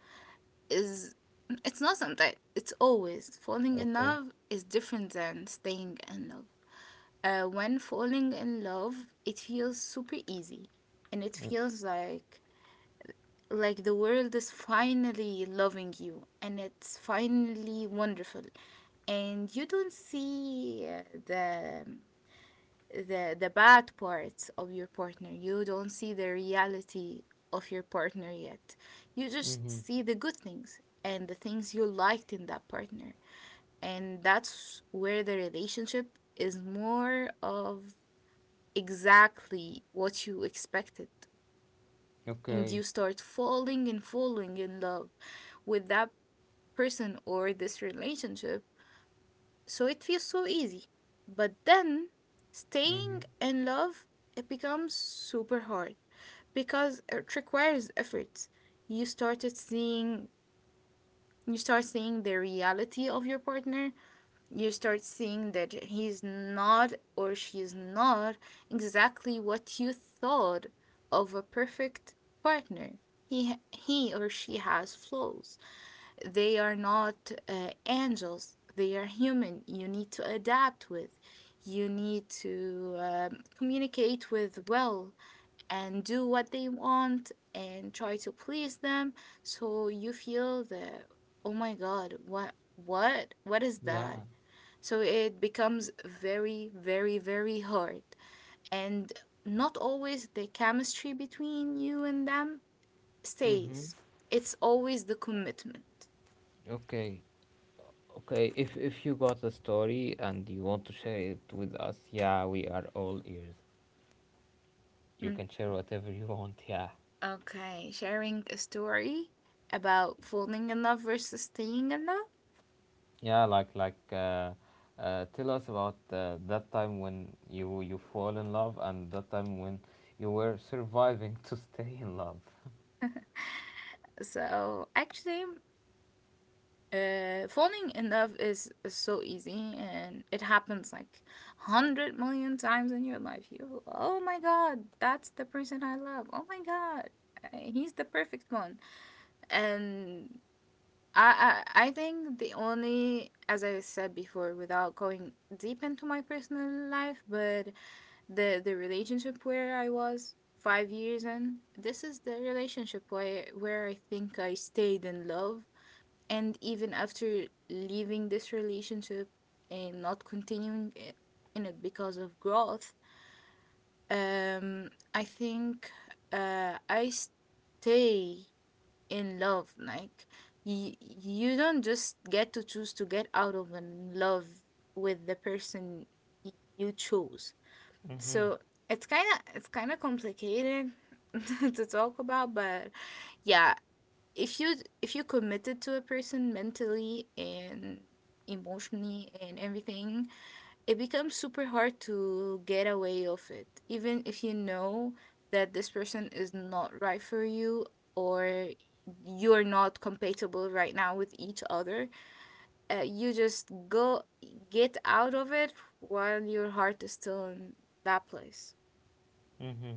Speaker 2: is, it's not sometimes, it's always, falling in
Speaker 1: Okay.
Speaker 2: love is different than staying in love. When falling in love, it feels super easy and it feels like the world is finally loving you and it's finally wonderful, and you don't see the bad parts of your partner, you don't see the reality of your partner yet, you just
Speaker 1: Mm-hmm.
Speaker 2: see the good things and the things you liked in that partner, and that's where the relationship is more of exactly what you expected. And you
Speaker 1: Okay.
Speaker 2: start falling and falling in love with that person or this relationship. So it feels so easy. But then staying
Speaker 1: Mm-hmm.
Speaker 2: in love, it becomes super hard because it requires efforts. You started seeing you start seeing the reality of your partner. You start seeing that he's not or she's not exactly what you thought of a perfect partner. He or she has flaws, they are not angels, they are human, you need to adapt with, you need to communicate with well and do what they want and try to please them, so you feel that, oh my god, what is
Speaker 1: Yeah.
Speaker 2: that. So it becomes very hard, and not always the chemistry between you and them
Speaker 1: Mm-hmm.
Speaker 2: stays, it's always the commitment.
Speaker 1: Okay. Okay, if you got a story and you want to share it with us, yeah, we are all ears. You
Speaker 2: Hmm.
Speaker 1: can share whatever you want. Yeah,
Speaker 2: Okay, sharing a story about falling in love versus staying in love.
Speaker 1: yeah, like tell us about that time when you fall in love, and that time when you were surviving to stay in love.
Speaker 2: So actually, falling in love is so easy and it happens like 100 million times in your life. You, oh my God, that's the person I love. Oh my God, he's the perfect one. And I think the only, as I said before, without going deep into my personal life, but the relationship where I was 5 years in, this is the relationship where I think I stayed in love, and even after leaving this relationship and not continuing it, in it because of growth, I think I stay in love. Like, you don't just get to choose to get out of in love with the person y- you chose. So it's kind of complicated to talk about, but yeah, if you, if you committed to a person mentally and emotionally and everything, it becomes super hard to get away of it, even if you know that this person is not right for you, or you're not compatible right now with each other. Uh, you just go get out of it while your heart is still in that place.
Speaker 1: Mm-hmm.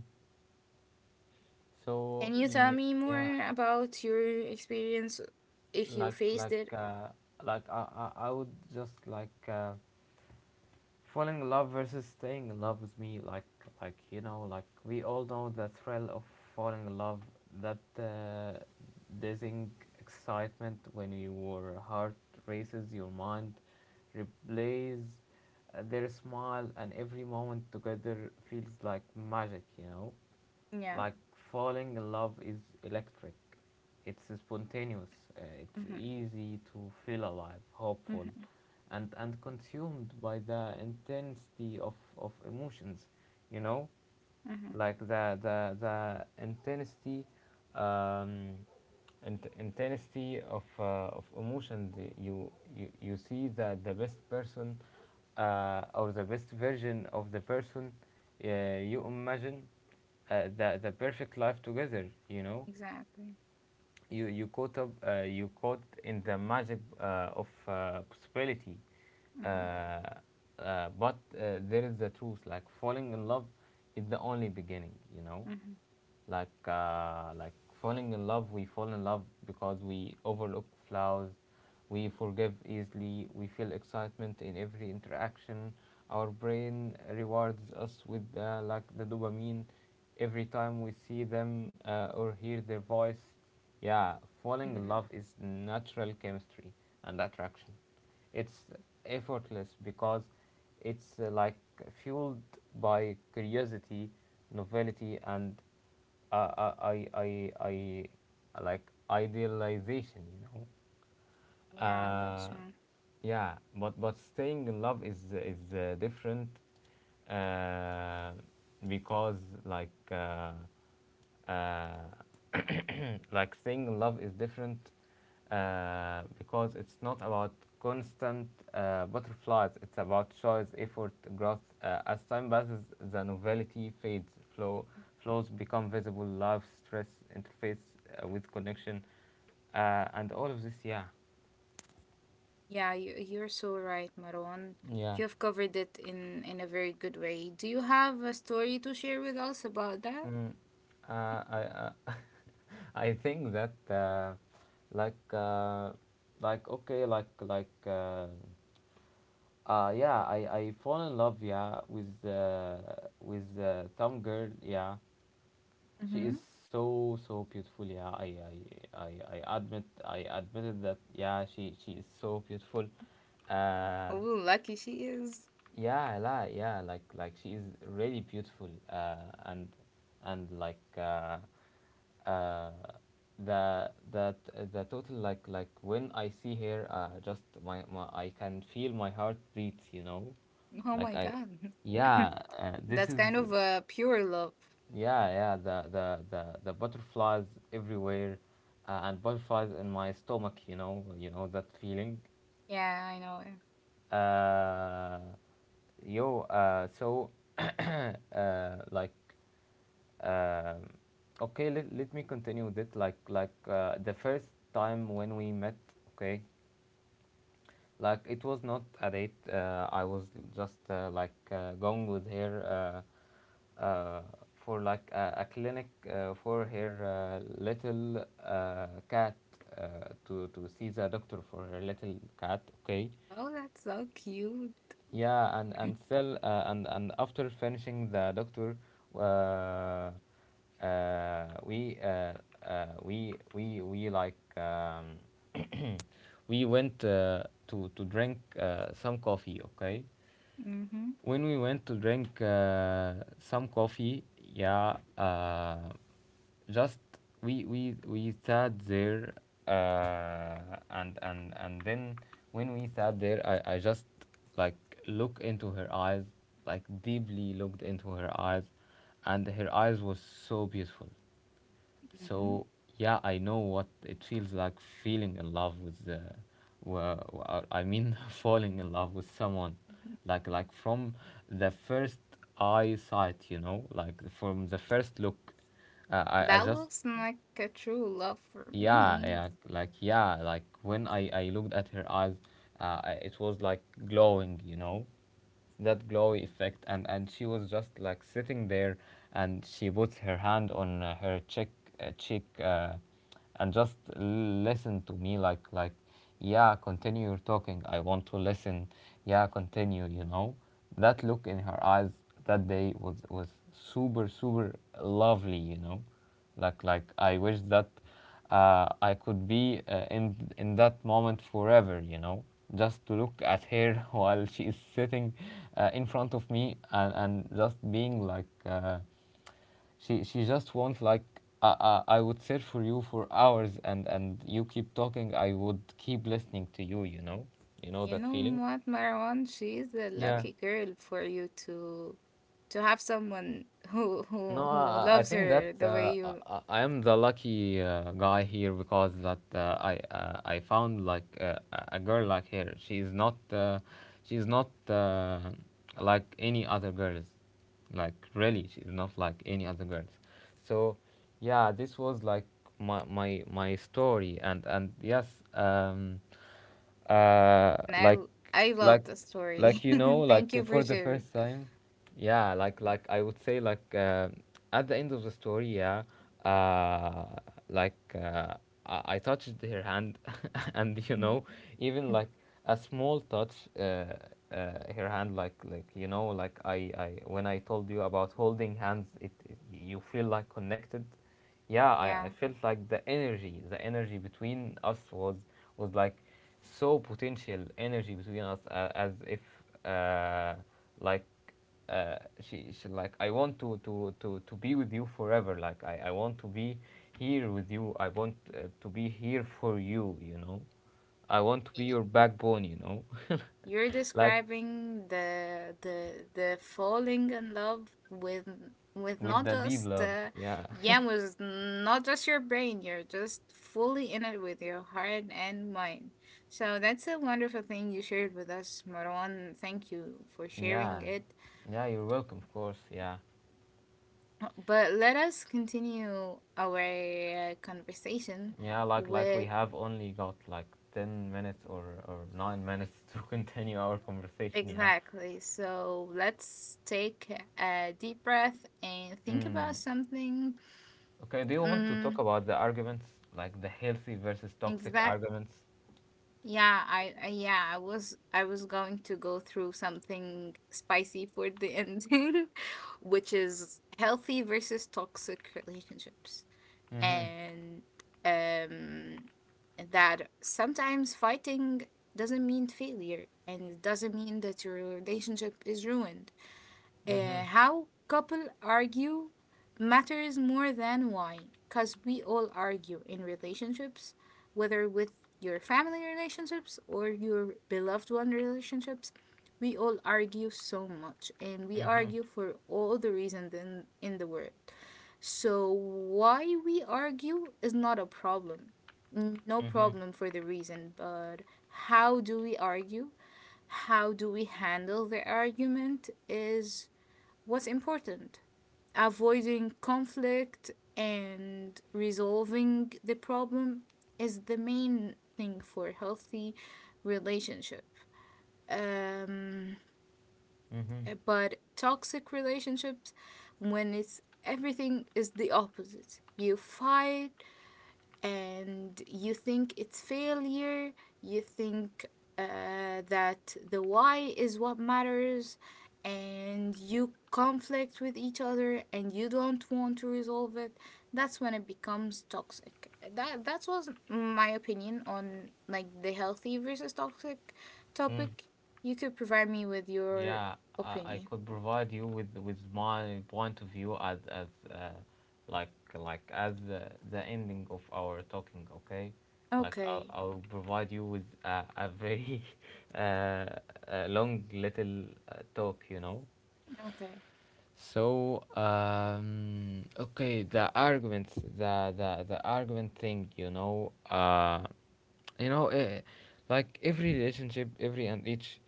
Speaker 1: So
Speaker 2: Can you tell
Speaker 1: ye-
Speaker 2: me
Speaker 1: yeah,
Speaker 2: more about your experience if you
Speaker 1: like
Speaker 2: faced it?
Speaker 1: I, I would just like, falling in love versus staying in love with me, like you know, like we all know the thrill of falling in love, that dazing excitement when your heart races, your mind replays their smile, and every moment together feels like magic, you know.
Speaker 2: Yeah.
Speaker 1: Like falling in love is electric. It's spontaneous. It's
Speaker 2: mm-hmm,
Speaker 1: easy to feel alive, hopeful,
Speaker 2: mm-hmm,
Speaker 1: and consumed by the intensity of emotions. You know,
Speaker 2: mm-hmm.
Speaker 1: like the intensity, um, intensity of emotion, the, you, you see that the best person, or the best version of the person you imagine, the perfect life together, you know.
Speaker 2: Exactly.
Speaker 1: You caught up, you caught in the magic of possibility.
Speaker 2: mm-hmm,
Speaker 1: Uh, uh, but uh, there is the truth, like falling in love is the only beginning, you know.
Speaker 2: mm-hmm,
Speaker 1: Like falling in love, we fall in love because we overlook flaws, we forgive easily, we feel excitement in every interaction, our brain rewards us with the dopamine every time we see them or hear their voice. Yeah, falling in
Speaker 2: mm-hmm.
Speaker 1: love is natural chemistry and attraction. It's effortless because it's fueled by curiosity, novelty, and uh, I, I, I, I like idealization. You know,
Speaker 2: Yeah, that's
Speaker 1: uh,
Speaker 2: true.
Speaker 1: yeah, but staying in love is different, uh, because like uh, uh, like staying in love is different, because it's not about constant butterflies, it's about choice, effort, growth. As time passes, the novelty fades, flows become visible, love stress interface with connection and all of this, yeah.
Speaker 2: Yeah, you, you're so right, Marwan.
Speaker 1: Yeah.
Speaker 2: You've covered it in a very good way. Do you have a story to share with us about that?
Speaker 1: Mm. I I think that like like okay like like uh, yeah, I fall in love, yeah, with some girl, yeah. She
Speaker 2: Mm-hmm.
Speaker 1: is so so beautiful, yeah. I, I admit, I admitted that, yeah, she is so beautiful, uh
Speaker 2: Oh, lucky she is.
Speaker 1: yeah yeah, like she is really beautiful, and and like, uh, the total, like when I see her, just my, my, I can feel my heart beats, you know,
Speaker 2: Oh my
Speaker 1: like I,
Speaker 2: God.
Speaker 1: yeah, this
Speaker 2: That's
Speaker 1: is,
Speaker 2: kind of a pure love.
Speaker 1: yeah. Yeah, the the butterflies everywhere, and butterflies in my stomach, you know, you know that feeling.
Speaker 2: Yeah, I know. Yeah.
Speaker 1: Uh, yo, uh, so uh, like um okay, let me continue with it. Like the first time when we met, okay, like it was not a date. I was just going with her uh, uh, for like a clinic for her little cat, to see the doctor for her little cat. Okay.
Speaker 2: Oh, that's so cute.
Speaker 1: Yeah, and still and after finishing the doctor, uh, uh, we uh, we we like, we went to drink some coffee. Okay.
Speaker 2: Mm-hmm.
Speaker 1: When we went to drink some coffee, yeah, just we we sat there, and and then when we sat there, I just like look into her eyes, like deeply looked into her eyes, and her eyes was so beautiful,
Speaker 2: Mm-hmm.
Speaker 1: so yeah, I know what it feels like feeling in love with the, well, I mean, falling in love with someone,
Speaker 2: Mm-hmm.
Speaker 1: like from the first eyesight, you know, like from the first look. I
Speaker 2: That
Speaker 1: just,
Speaker 2: looks like a true love for me.
Speaker 1: yeah, yeah, like yeah, like when I looked at her eyes, I- it was like glowing, you know, that glowy effect, and she was just like sitting there, and she puts her hand on her cheek, and just listen to me, like, yeah, continue your talking, I want to listen, yeah, continue, you know. That look in her eyes that day was super super lovely, you know. Like I wish that I could be in in that moment forever, you know, just to look at her while she is sitting in front of me, and just being like she just wants like, I, I would search for you for hours, and you keep talking, I would keep listening to you, you know, you know
Speaker 2: You
Speaker 1: that feeling,
Speaker 2: know what, Marwan? She's a
Speaker 1: yeah.
Speaker 2: lucky girl for you to have someone
Speaker 1: No,
Speaker 2: who
Speaker 1: I
Speaker 2: loves
Speaker 1: think that
Speaker 2: her the way you.
Speaker 1: I am the lucky guy here, because that I found like a girl like her. She is not she is not uh, like any other girls. Like really, she is not like any other girls. So, yeah, this was like my story, and yes, uh
Speaker 2: And
Speaker 1: like
Speaker 2: I love
Speaker 1: like
Speaker 2: the story.
Speaker 1: you know,
Speaker 2: Thank
Speaker 1: like
Speaker 2: you for
Speaker 1: for the
Speaker 2: sharing.
Speaker 1: first time, yeah, like I would say like, at the end of the story, yeah, uh like uh, I touched her hand and you
Speaker 2: Mm,
Speaker 1: know, even
Speaker 2: mm.
Speaker 1: like a small touch her hand, like you know, like I when I told you about holding hands, it you feel like connected, yeah. I
Speaker 2: Yeah.
Speaker 1: felt like the energy, the energy between us was like so potential energy between us, as if uh, like she like, I want to, to be with you forever, like I want to be here with you, I want to be here for you, you know, I want to be your backbone, you know,
Speaker 2: You're
Speaker 1: like,
Speaker 2: describing the falling in love with
Speaker 1: with
Speaker 2: not
Speaker 1: the deep
Speaker 2: just
Speaker 1: love, yeah.
Speaker 2: yeah, with not just your brain, you're just fully in it with your heart and mind. So that's a wonderful thing you shared with us, Marwan, thank you for sharing
Speaker 1: Yeah,
Speaker 2: it.
Speaker 1: yeah, you're welcome, of course, yeah.
Speaker 2: But let us continue our conversation
Speaker 1: Yeah, like we
Speaker 2: with.
Speaker 1: have only got like 10 minutes or 9 minutes to continue our conversation. Yeah.
Speaker 2: Exactly, so let's take a deep breath and think about
Speaker 1: Mm.
Speaker 2: something.
Speaker 1: Okay. Do you want to talk
Speaker 2: Mm,
Speaker 1: about the arguments, like the healthy versus toxic
Speaker 2: exact.
Speaker 1: arguments?
Speaker 2: Yeah, I yeah, I was going to go through something spicy for the ending, which is healthy versus toxic relationships.
Speaker 1: Mm-hmm.
Speaker 2: And um, that sometimes fighting doesn't mean failure and it doesn't mean that your relationship is ruined.
Speaker 1: Mm-hmm.
Speaker 2: How couple argue matters more than why, because we all argue in relationships, whether with your family relationships or your beloved one relationships, we all argue so much and we
Speaker 1: Mm-hmm.
Speaker 2: argue for all the reasons in the world. So why we argue is not a problem, no
Speaker 1: Mm-hmm.
Speaker 2: problem for the reason. But how do we argue, how do we handle the argument is what's important. Avoiding conflict and resolving the problem is the main thing for healthy relationship. Um,
Speaker 1: Mm-hmm.
Speaker 2: but toxic relationships, when it's everything is the opposite, you fight and you think it's failure, you think that the why is what matters, and you conflict with each other and you don't want to resolve it, that's when it becomes toxic. That that was my opinion on like the healthy versus toxic
Speaker 1: Mm-hmm.
Speaker 2: topic. You could provide me with your
Speaker 1: Yeah, I
Speaker 2: opinion.
Speaker 1: could provide you with my point of view as like as the ending of our talking. Okay, like
Speaker 2: Okay.
Speaker 1: I'll provide you with a very long little talk. You know.
Speaker 2: Okay.
Speaker 1: So okay, the arguments, the argument thing, you know, you know, eh, like every relationship, every and each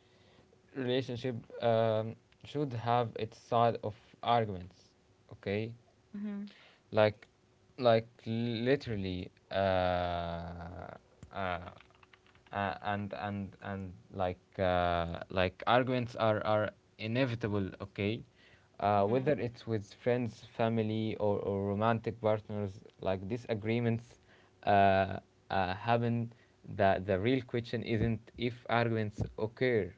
Speaker 1: relationship um, should have its side of arguments. Okay,
Speaker 2: Mm-hmm.
Speaker 1: like like literally uh, and like arguments are inevitable. Okay,
Speaker 2: Mm-hmm.
Speaker 1: whether it's with friends, family, or romantic partners, like disagreements uh, happen. The real question isn't if arguments occur,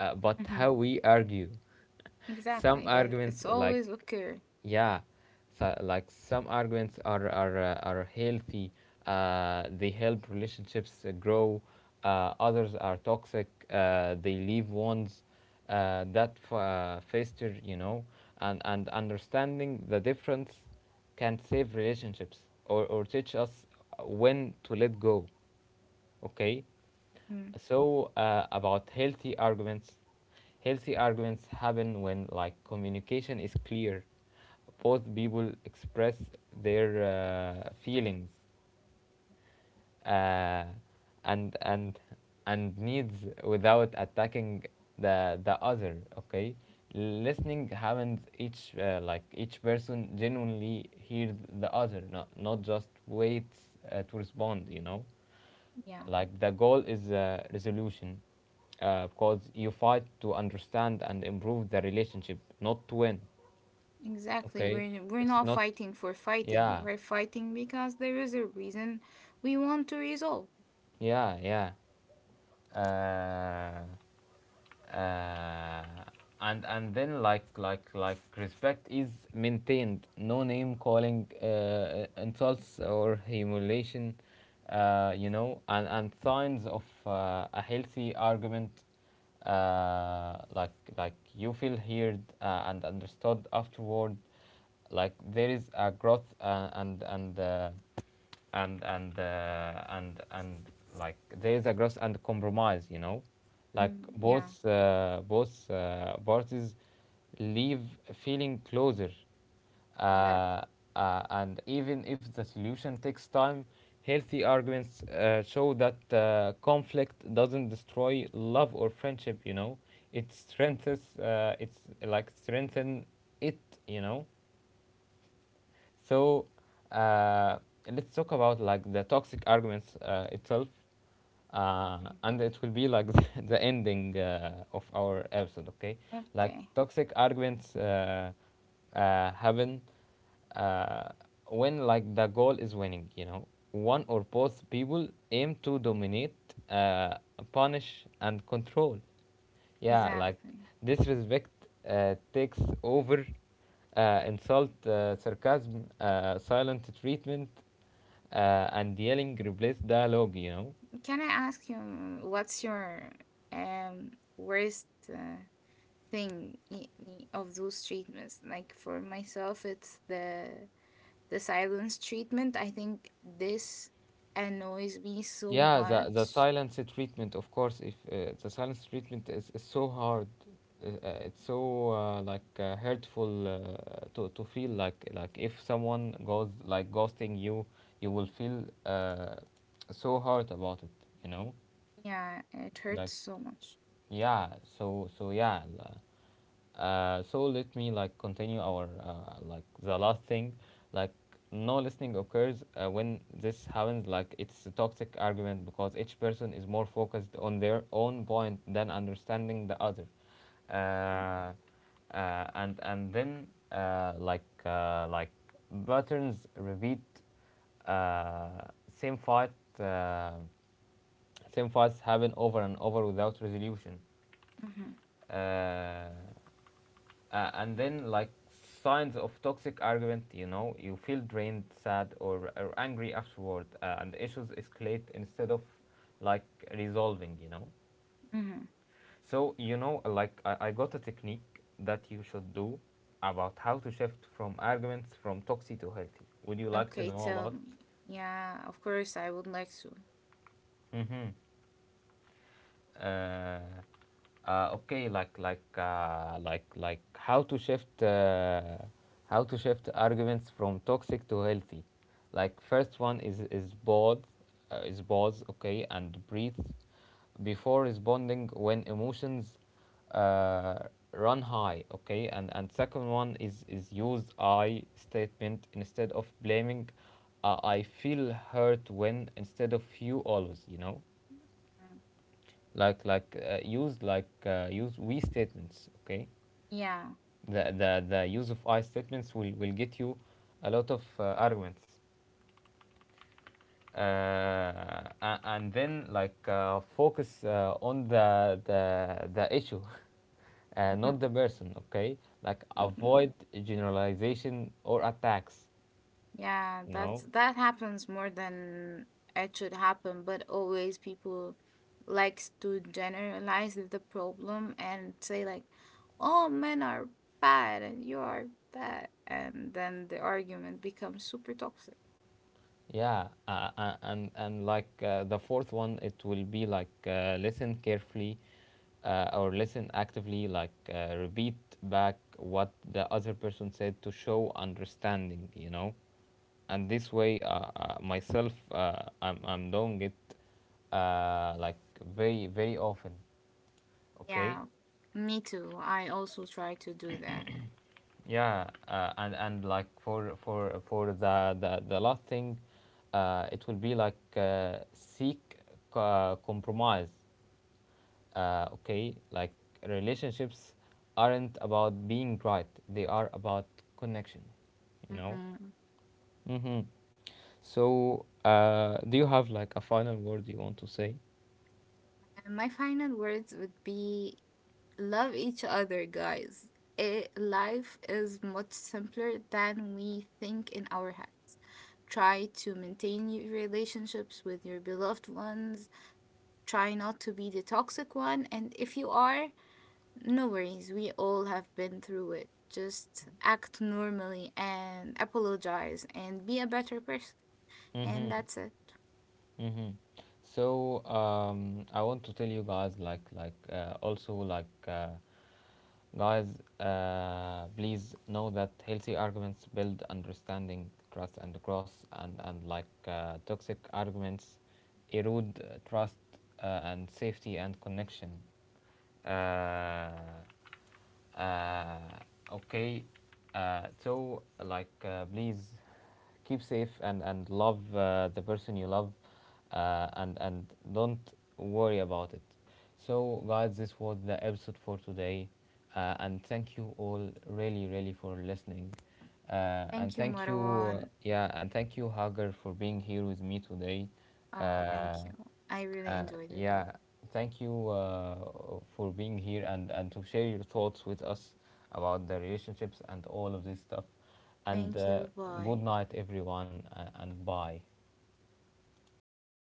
Speaker 1: but
Speaker 2: Mm-hmm.
Speaker 1: how we argue. Some
Speaker 2: Exactly. That
Speaker 1: arguments
Speaker 2: it's
Speaker 1: like
Speaker 2: always okay.
Speaker 1: yeah so, like some arguments are healthy, they help relationships grow. Others are toxic, they leave wounds that fester, you know, and understanding the difference can save relationships, or teach us when to let go. Okay,
Speaker 2: Mm.
Speaker 1: so about healthy arguments. Healthy arguments happen when like communication is clear. Both people express their feelings uh, and and and needs without attacking the other. Okay, listening happens. Each person genuinely hears the other, not just waits to respond, you know.
Speaker 2: Yeah,
Speaker 1: Like the goal is resolution, because you fight to understand and improve the relationship, not to win.
Speaker 2: exactly.
Speaker 1: Okay,
Speaker 2: We're
Speaker 1: it's
Speaker 2: not
Speaker 1: not.
Speaker 2: fighting for fighting.
Speaker 1: Yeah.
Speaker 2: We're fighting because there is a reason we want to resolve.
Speaker 1: Yeah. Yeah uh, uh, and and then like respect is maintained, no name calling, insults or humiliation. You know, and signs of a healthy argument, uh, like like you feel heard and understood afterward. Like there is a growth and like there is a growth and compromise, you know, like
Speaker 2: Mm, yeah,
Speaker 1: both parties leave feeling closer, uh,
Speaker 2: exactly.
Speaker 1: and even if the solution takes time, healthy arguments show that conflict doesn't destroy love or friendship, you know. It strengthens. It's like strengthen it, you know. So uh, let's talk about like the toxic arguments itself, and it will be like the ending of our episode. Okay, like
Speaker 2: Okay,
Speaker 1: toxic arguments happen uh, when like the goal is winning. You know, one or both people aim to dominate, uh, punish, and control. Yeah, like
Speaker 2: exactly.
Speaker 1: disrespect takes over. Insult, sarcasm, silent treatment, and yelling replace dialogue, you know.
Speaker 2: Can I ask you what's your um worst uh, thing of those treatments? Like for myself, it's the silence treatment. I think this annoys me so
Speaker 1: Yeah, the
Speaker 2: much.
Speaker 1: silence treatment, of course. If the silence treatment is so hard, it's so hurtful to feel like, if someone goes like ghosting you, you will feel so hard about it, you know.
Speaker 2: Yeah, it
Speaker 1: Like
Speaker 2: hurts so much.
Speaker 1: yeah, so so yeah, so let me like continue our like the last thing. Like no listening occurs when this happens. Like it's a toxic argument because each person is more focused on their own point than understanding the other. Uh, uh, and and then uh, like uh, like patterns repeat. uh, Same fight. uh, Same fights happen over and over without resolution.
Speaker 2: Mm-hmm.
Speaker 1: Uh, uh, and then, like, signs of toxic argument, you know, you feel drained, sad, or angry afterward, and issues escalate instead of, like, resolving, you know.
Speaker 2: Mm-hmm.
Speaker 1: So, you know, like, I got a technique that you should do about how to shift from arguments from toxic to healthy. Would you like to
Speaker 2: Okay,
Speaker 1: know
Speaker 2: tell
Speaker 1: about
Speaker 2: me. Yeah, of course, I would like to.
Speaker 1: it? Mm-hmm. Okay, how to shift how to shift arguments from toxic to healthy. Like first one is pause, is pause, okay, and breathe before responding when emotions uh, run high. Okay, and second one is use I statement instead of blaming. I feel hurt when, instead of you always, you know.
Speaker 2: Mm.
Speaker 1: Use we statements. Okay,
Speaker 2: Yeah.
Speaker 1: the use of I statements will get you a lot of arguments. Uh, and then like focus on the issue, not
Speaker 2: Mm-hmm.
Speaker 1: the person. Okay, like
Speaker 2: Mm-hmm.
Speaker 1: avoid generalization or attacks,
Speaker 2: Yeah,
Speaker 1: you
Speaker 2: that's
Speaker 1: know.
Speaker 2: that happens more than it should happen, but always people likes to generalize the problem and say like, "All men are bad and you are bad," and then the argument becomes super toxic.
Speaker 1: Yeah, and like the fourth one, it will be like listen carefully, or listen actively. Like repeat back what the other person said to show understanding. You know, and this way, myself, I'm doing it, like very very often. Okay.
Speaker 2: Yeah, me too. I also try to do that.
Speaker 1: Yeah, and like for the last thing, it will be like seek compromise. Okay, like relationships aren't about being right; they are about connection. You know.
Speaker 2: Mm-hmm.
Speaker 1: Mm-hmm. So, do you have like a final word you want to say?
Speaker 2: And my final words would be love each other, guys. It, life is much simpler than we think in our heads. Try to maintain your relationships with your beloved ones. Try not to be the toxic one. And if you are, no worries. We all have been through it. Just act normally and apologize and be a better person. And
Speaker 1: Mm-hmm.
Speaker 2: that's it.
Speaker 1: Mm-hmm. So I want to tell you guys like also like guys, please know that healthy arguments build understanding, trust, and growth, and toxic arguments erode trust and safety and connection. Uh, uh, okay, please keep safe and love the person you love, and don't worry about it. So guys, this was the episode for today, and thank you all really really for listening, uh, and
Speaker 2: Thank you,
Speaker 1: thank you uh,
Speaker 2: Marwan.
Speaker 1: yeah and thank you, Hagar, for being here with me today.
Speaker 2: Oh,
Speaker 1: Uh,
Speaker 2: thank you. I really enjoyed it.
Speaker 1: yeah, thank you for being here and and to share your thoughts with us about the relationships and all of this stuff. And
Speaker 2: Thank you.
Speaker 1: good
Speaker 2: Bye.
Speaker 1: night, everyone, and bye.